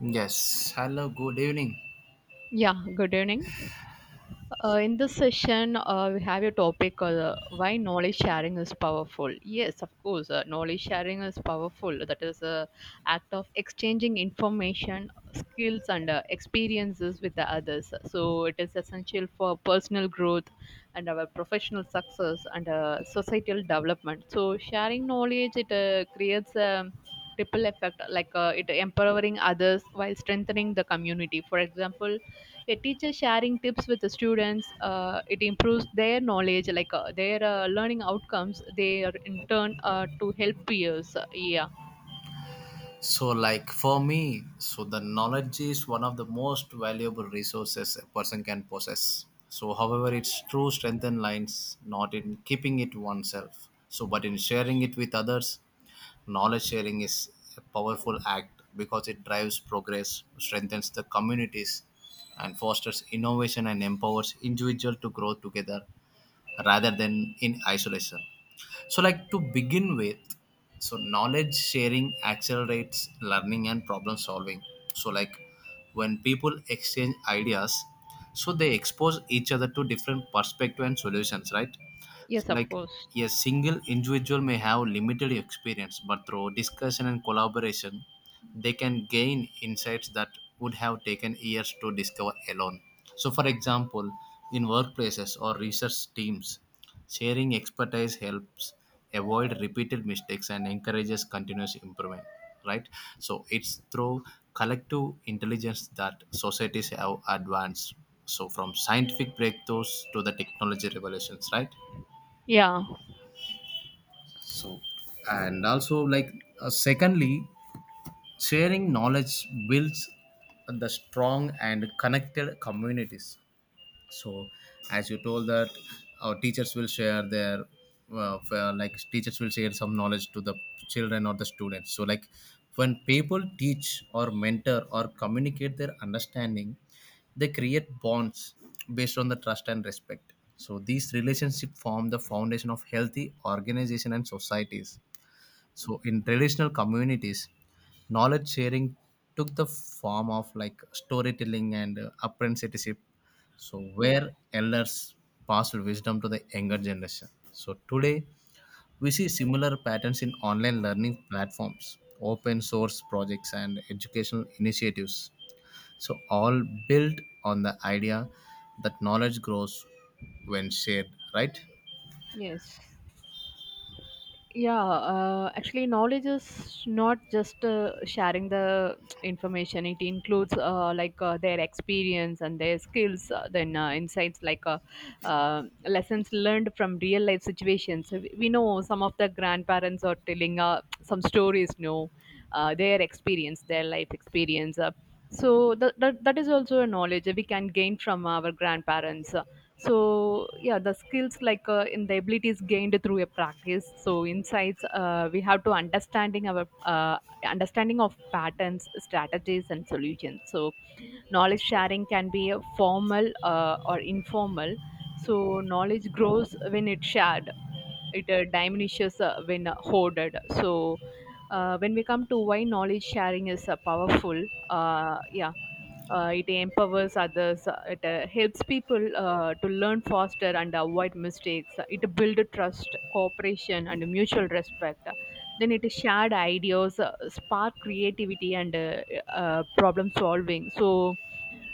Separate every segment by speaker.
Speaker 1: Yes, hello, good evening.
Speaker 2: Yeah, good evening. In this session, we have a topic why knowledge sharing is powerful. Yes, of course, knowledge sharing is powerful. That is a act of exchanging information, skills, and experiences with the others. So it is essential for personal growth and our professional success and societal development. So sharing knowledge it creates a ripple effect, like it empowering others while strengthening the community. For example, a teacher sharing tips with the students, it improves their knowledge, like their learning outcomes, they are in turn to help peers. Yeah,
Speaker 1: So, like for me, so the knowledge is one of the most valuable resources a person can possess. So, however, its true strength and lines not in keeping it oneself, so but in sharing it with others. Knowledge sharing is a powerful act because it drives progress, strengthens the communities, and fosters innovation and empowers individuals to grow together rather than in isolation. So, like to begin with, so knowledge sharing accelerates learning and problem solving. So, like when people exchange ideas, so they expose each other to different perspective and solutions, right?
Speaker 2: yes,
Speaker 1: So,
Speaker 2: of
Speaker 1: like
Speaker 2: course.
Speaker 1: a single individual may have limited experience, but through discussion and collaboration, they can gain insights that would have taken years to discover alone. So, for example, in workplaces or research teams, sharing expertise helps avoid repeated mistakes and encourages continuous improvement, right? So it's through collective intelligence that societies have advanced. So from scientific breakthroughs to the technology revolutions, right?
Speaker 2: Yeah.
Speaker 1: So, and also, like, secondly, sharing knowledge builds the strong and connected communities, so as you told that our teachers will share their like teachers will share some knowledge to the children or the students. So like when people teach or mentor or communicate their understanding, they create bonds based on the trust and respect. So these relationships form the foundation of healthy organization and societies. So in traditional communities, knowledge sharing took the form of like storytelling and apprenticeship. So
Speaker 2: Yeah.
Speaker 1: where elders passed wisdom to the younger generation. So today we see similar patterns in online learning platforms, open source projects and educational initiatives. So all built on the idea that knowledge grows when shared, right?
Speaker 2: Yes. Yeah. Actually, knowledge is not just sharing the information, it includes, like their experience and their skills, then insights, like lessons learned from real life situations. So we know some of the grandparents are telling some stories, no, their experience, their life experience, so that is also a knowledge that we can gain from our grandparents. So yeah, the skills, like in the abilities gained through a practice, so insights, we have to understanding our, understanding of patterns, strategies, and solutions. So knowledge sharing can be formal or informal. So knowledge grows when it's shared, it diminishes when hoarded. So when we come to why knowledge sharing is powerful, it empowers others, it helps people to learn faster and avoid mistakes. It builds trust, cooperation, and mutual respect. Then it shared ideas spark creativity and problem solving. So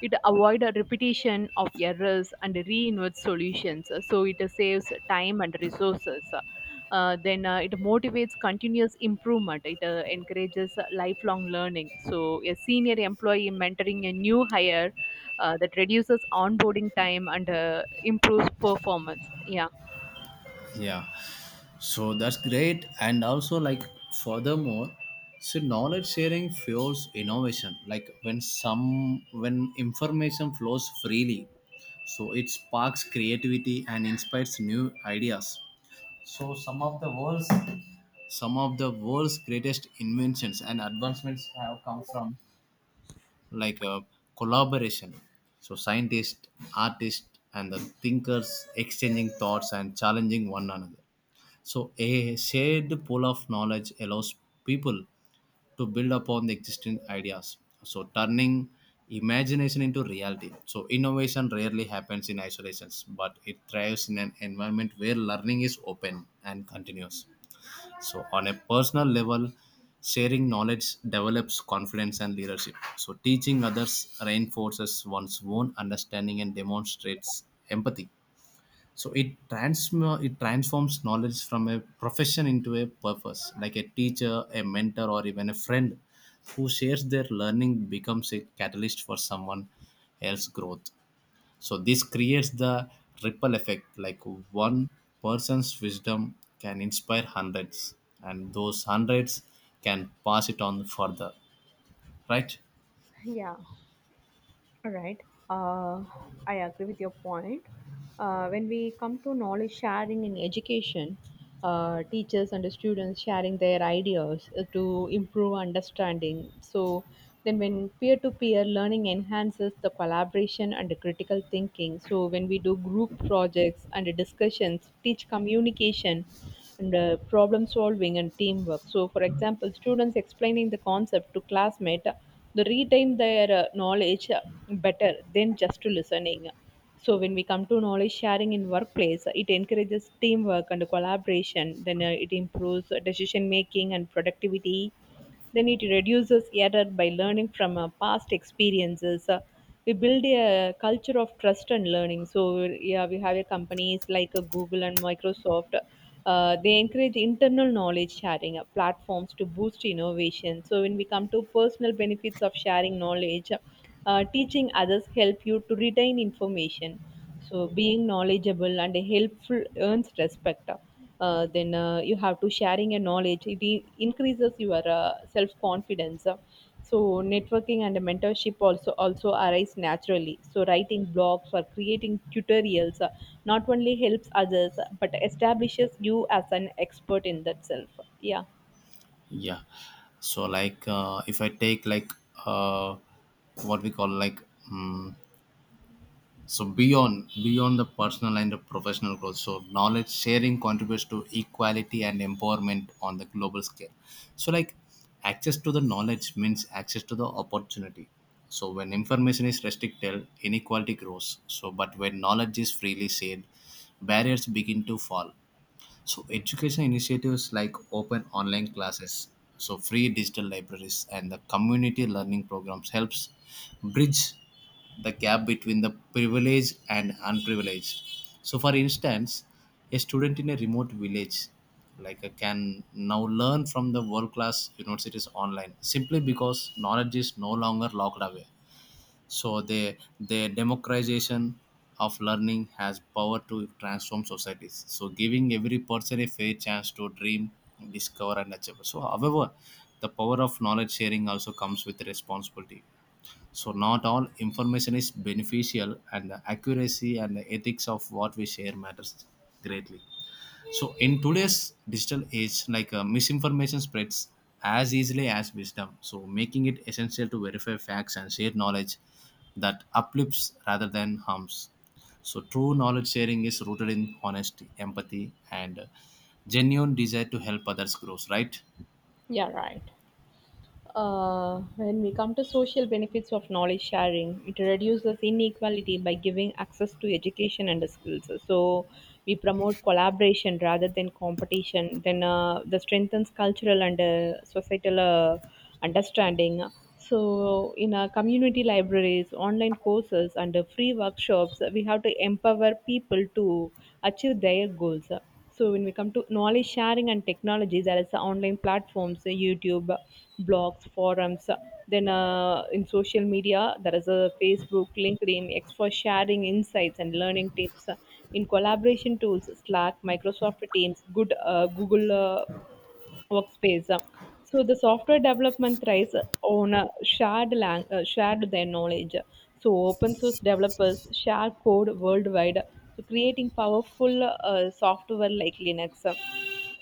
Speaker 2: it avoids repetition of errors and reinvents solutions. So it saves time and resources. Then it motivates continuous improvement. It encourages lifelong learning. So a senior employee mentoring a new hire, that reduces onboarding time and improves performance. Yeah.
Speaker 1: Yeah, so that's great. And also, like, furthermore, so knowledge sharing fuels innovation. Like, when some, when information flows freely, so it sparks creativity and inspires new ideas. So, some of the world's greatest inventions and advancements have come from like a collaboration. So scientists, artists and the thinkers exchanging thoughts and challenging one another. So, a shared pool of knowledge allows people to build upon the existing ideas. So, turning imagination into reality. So, innovation rarely happens in isolation, but it thrives in an environment where learning is open and continuous. So, on a personal level, sharing knowledge develops confidence and leadership. So, teaching others reinforces one's own understanding and demonstrates empathy. So it transforms knowledge from a profession into a purpose. Like a teacher, a mentor or even a friend who shares their learning becomes a catalyst for someone else's growth. So this creates the ripple effect. Like one person's wisdom can inspire hundreds, and those hundreds can pass it on further, right?
Speaker 2: Yeah. All right. Uh, I agree with your point. When we come to knowledge sharing in education, teachers and students sharing their ideas to improve understanding. So then when peer-to-peer learning enhances the collaboration and the critical thinking. So when we do group projects and discussions, teach communication and problem solving and teamwork. So for example, students explaining the concept to classmate, they retain their knowledge better than just to listening. So when we come to knowledge sharing in workplace, it encourages teamwork and collaboration. Then it improves decision making and productivity. Then it reduces error by learning from past experiences. We build a culture of trust and learning. So yeah, we have a companies like Google and Microsoft. They encourage internal knowledge sharing platforms to boost innovation. So when we come to personal benefits of sharing knowledge, teaching others help you to retain information. So being knowledgeable and helpful earns respect. Then you have to sharing your knowledge. It increases your self confidence. So networking and mentorship also arise naturally. So writing blogs or creating tutorials not only helps others but establishes you as an expert in that self. Yeah,
Speaker 1: Yeah, so like, if I take like, uh, what we call like, mm so beyond the personal and the professional growth, so knowledge sharing contributes to equality and empowerment on the global scale. So like access to the knowledge means access to the opportunity. So when information is restricted, inequality grows. So but when knowledge is freely shared, barriers begin to fall. So education initiatives like open online classes, so free digital libraries and the community learning programs helps bridge the gap between the privileged and unprivileged. So for instance, a student in a remote village like, can now learn from the world class universities online, simply because knowledge is no longer locked away. So the democratization of learning has power to transform societies. So giving every person a fair chance to dream, discover and achieve. So however, the power of knowledge sharing also comes with responsibility. So not all information is beneficial and the accuracy and the ethics of what we share matters greatly. So in today's digital age, like, misinformation spreads as easily as wisdom, so making it essential to verify facts and share knowledge that uplifts rather than harms. So true knowledge sharing is rooted in honesty, empathy, and genuine desire to help others grow. Right?
Speaker 2: yeah, right. When we come to social benefits of knowledge sharing, it reduces inequality by giving access to education and skills. So we promote collaboration rather than competition. Then the strengthens cultural and societal understanding. So in our community libraries, online courses, and free workshops, we have to empower people to achieve their goals. So when we come to knowledge sharing and technology, there is the online platforms, YouTube, blogs, forums. Then in social media, there is a Facebook, LinkedIn, X for sharing insights and learning tips. In collaboration tools, Slack, Microsoft Teams, good Google workspace. So the software development thrives on a shared their knowledge. So open source developers share code worldwide, so creating powerful software like Linux.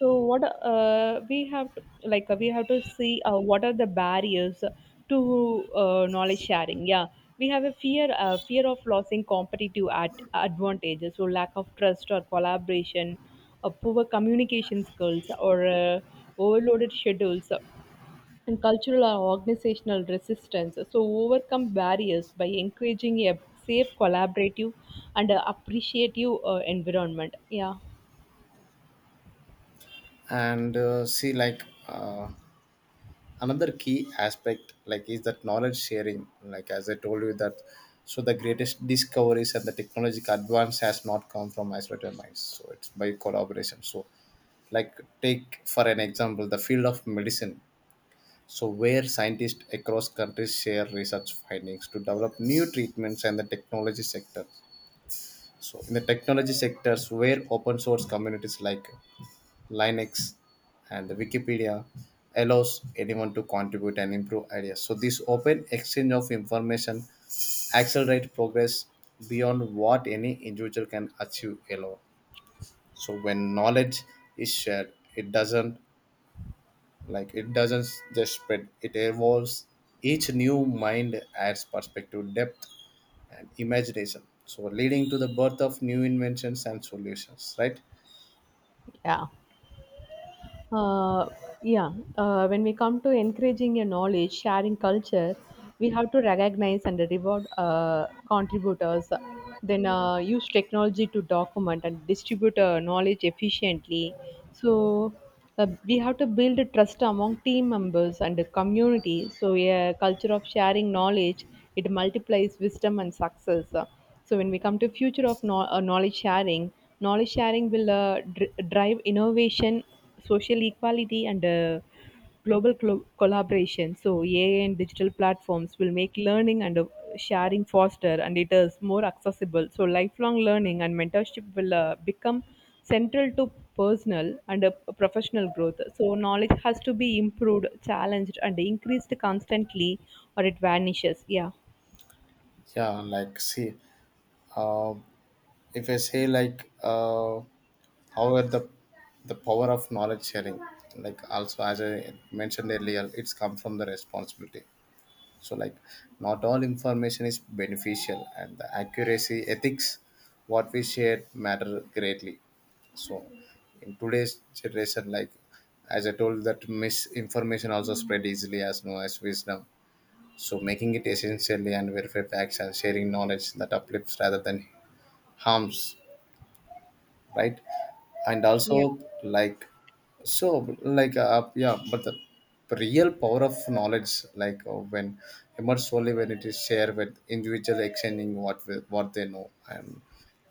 Speaker 2: So what we have to, we have to see what are the barriers to knowledge sharing. Yeah, we have a fear of losing competitive at advantages, so lack of trust or collaboration, poor communication skills or overloaded schedules, and cultural or organizational resistance. So, overcome barriers by encouraging a safe, collaborative, and appreciative environment. Yeah,
Speaker 1: And see like, uh, another key aspect like is that knowledge sharing, like as I told you that, so the greatest discoveries and the technological advance has not come from isolated minds, so it's by collaboration. So like take for an example the field of medicine, so where scientists across countries share research findings to develop new treatments, and the technology sector. So in the technology sectors where open source communities like Linux, and the Wikipedia allows anyone to contribute and improve ideas. So this open exchange of information accelerates progress beyond what any individual can achieve alone. So when knowledge is shared, it doesn't just spread, it evolves. Each new mind adds perspective, depth, and imagination. So leading to the birth of new inventions and solutions, right?
Speaker 2: yeah. Uh, yeah, when we come to encouraging a knowledge sharing culture, we have to recognize and reward contributors, then use technology to document and distribute knowledge efficiently. So we have to build a trust among team members and the community. So a culture of sharing knowledge, it multiplies wisdom and success. So when we come to future of knowledge sharing will drive innovation, social equality, and global collaboration. So AI and digital platforms will make learning and sharing faster, and it is more accessible. So lifelong learning and mentorship will become central to personal and professional growth. So knowledge has to be improved, challenged, and increased constantly, or it vanishes. Yeah.
Speaker 1: Yeah, like see, uh, if I say like, however the power of knowledge sharing, like also as I mentioned earlier, it's come from the responsibility. So like not all information is beneficial, and the accuracy, ethics, what we share matter greatly. So in today's generation, like as I told that, misinformation also spread easily as no as wisdom. So making it essentially and verify facts and sharing knowledge that uplifts rather than harms, right? And also
Speaker 2: Yeah.
Speaker 1: like, so like, yeah, but the real power of knowledge, like, when emerges only when it is shared with individual exchanging what what they know, and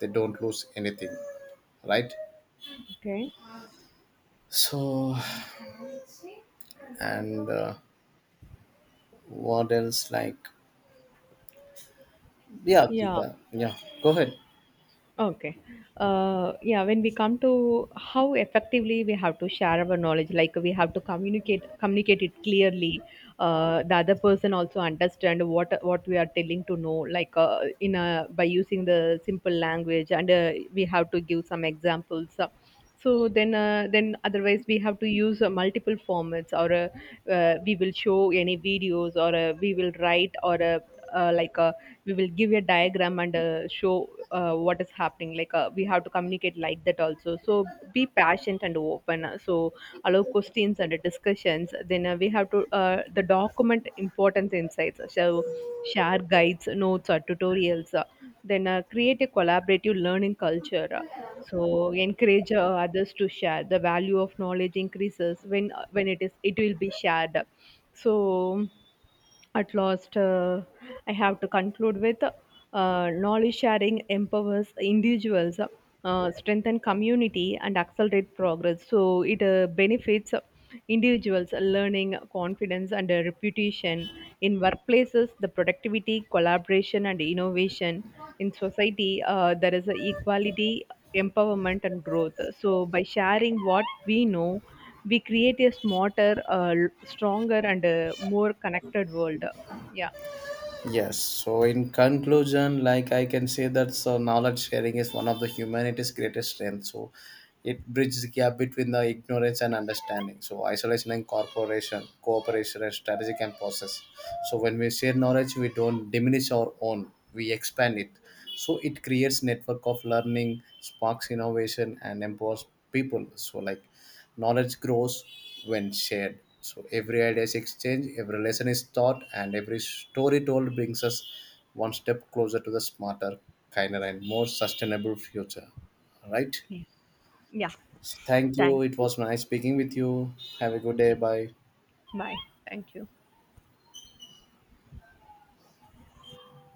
Speaker 1: they don't lose anything, right?
Speaker 2: Okay.
Speaker 1: So and, what else like, yeah,
Speaker 2: Yeah.
Speaker 1: Krita, yeah, go ahead.
Speaker 2: Okay. Yeah, when we come to how effectively we have to share our knowledge, like we have to communicate it clearly. The other person also understand what we are telling to know, like in a by using the simple language, and we have to give some examples. So then otherwise we have to use multiple formats, or we will show any videos, or we will write, or uh, like uh, we will give a diagram and show what is happening, like we have to communicate like that also. So be patient and open. So allow questions and discussions, then we have to the document important insights. So share guides, notes, or tutorials, then create a collaborative learning culture. So encourage others to share the value of knowledge increases when, when it is, it will be shared. So at last, I have to conclude with, knowledge sharing empowers individuals, strengthen community, and accelerate progress. So it benefits individuals' learning, confidence, and reputation in workplaces. The productivity, collaboration, and innovation in society. There is a equality, empowerment, and growth. So by sharing what we know, we create a smarter, stronger, and more connected world. Yeah.
Speaker 1: Yes. So, in conclusion, like I can say that so knowledge sharing is one of the humanity's greatest strengths. So, it bridges the gap between the ignorance and understanding. So, isolation and corporation, cooperation and strategic and process. So, when we share knowledge, we don't diminish our own; we expand it. So, it creates network of learning, sparks innovation, and empowers people. So, like knowledge grows when shared. So every idea is exchanged, every lesson is taught, and every story told brings us one step closer to the smarter, kinder, and more sustainable future. All right.
Speaker 2: Yeah.
Speaker 1: So thank
Speaker 2: Thank
Speaker 1: you. It
Speaker 2: you.
Speaker 1: was nice speaking with you. Have a good day. Bye.
Speaker 2: Bye. Thank you.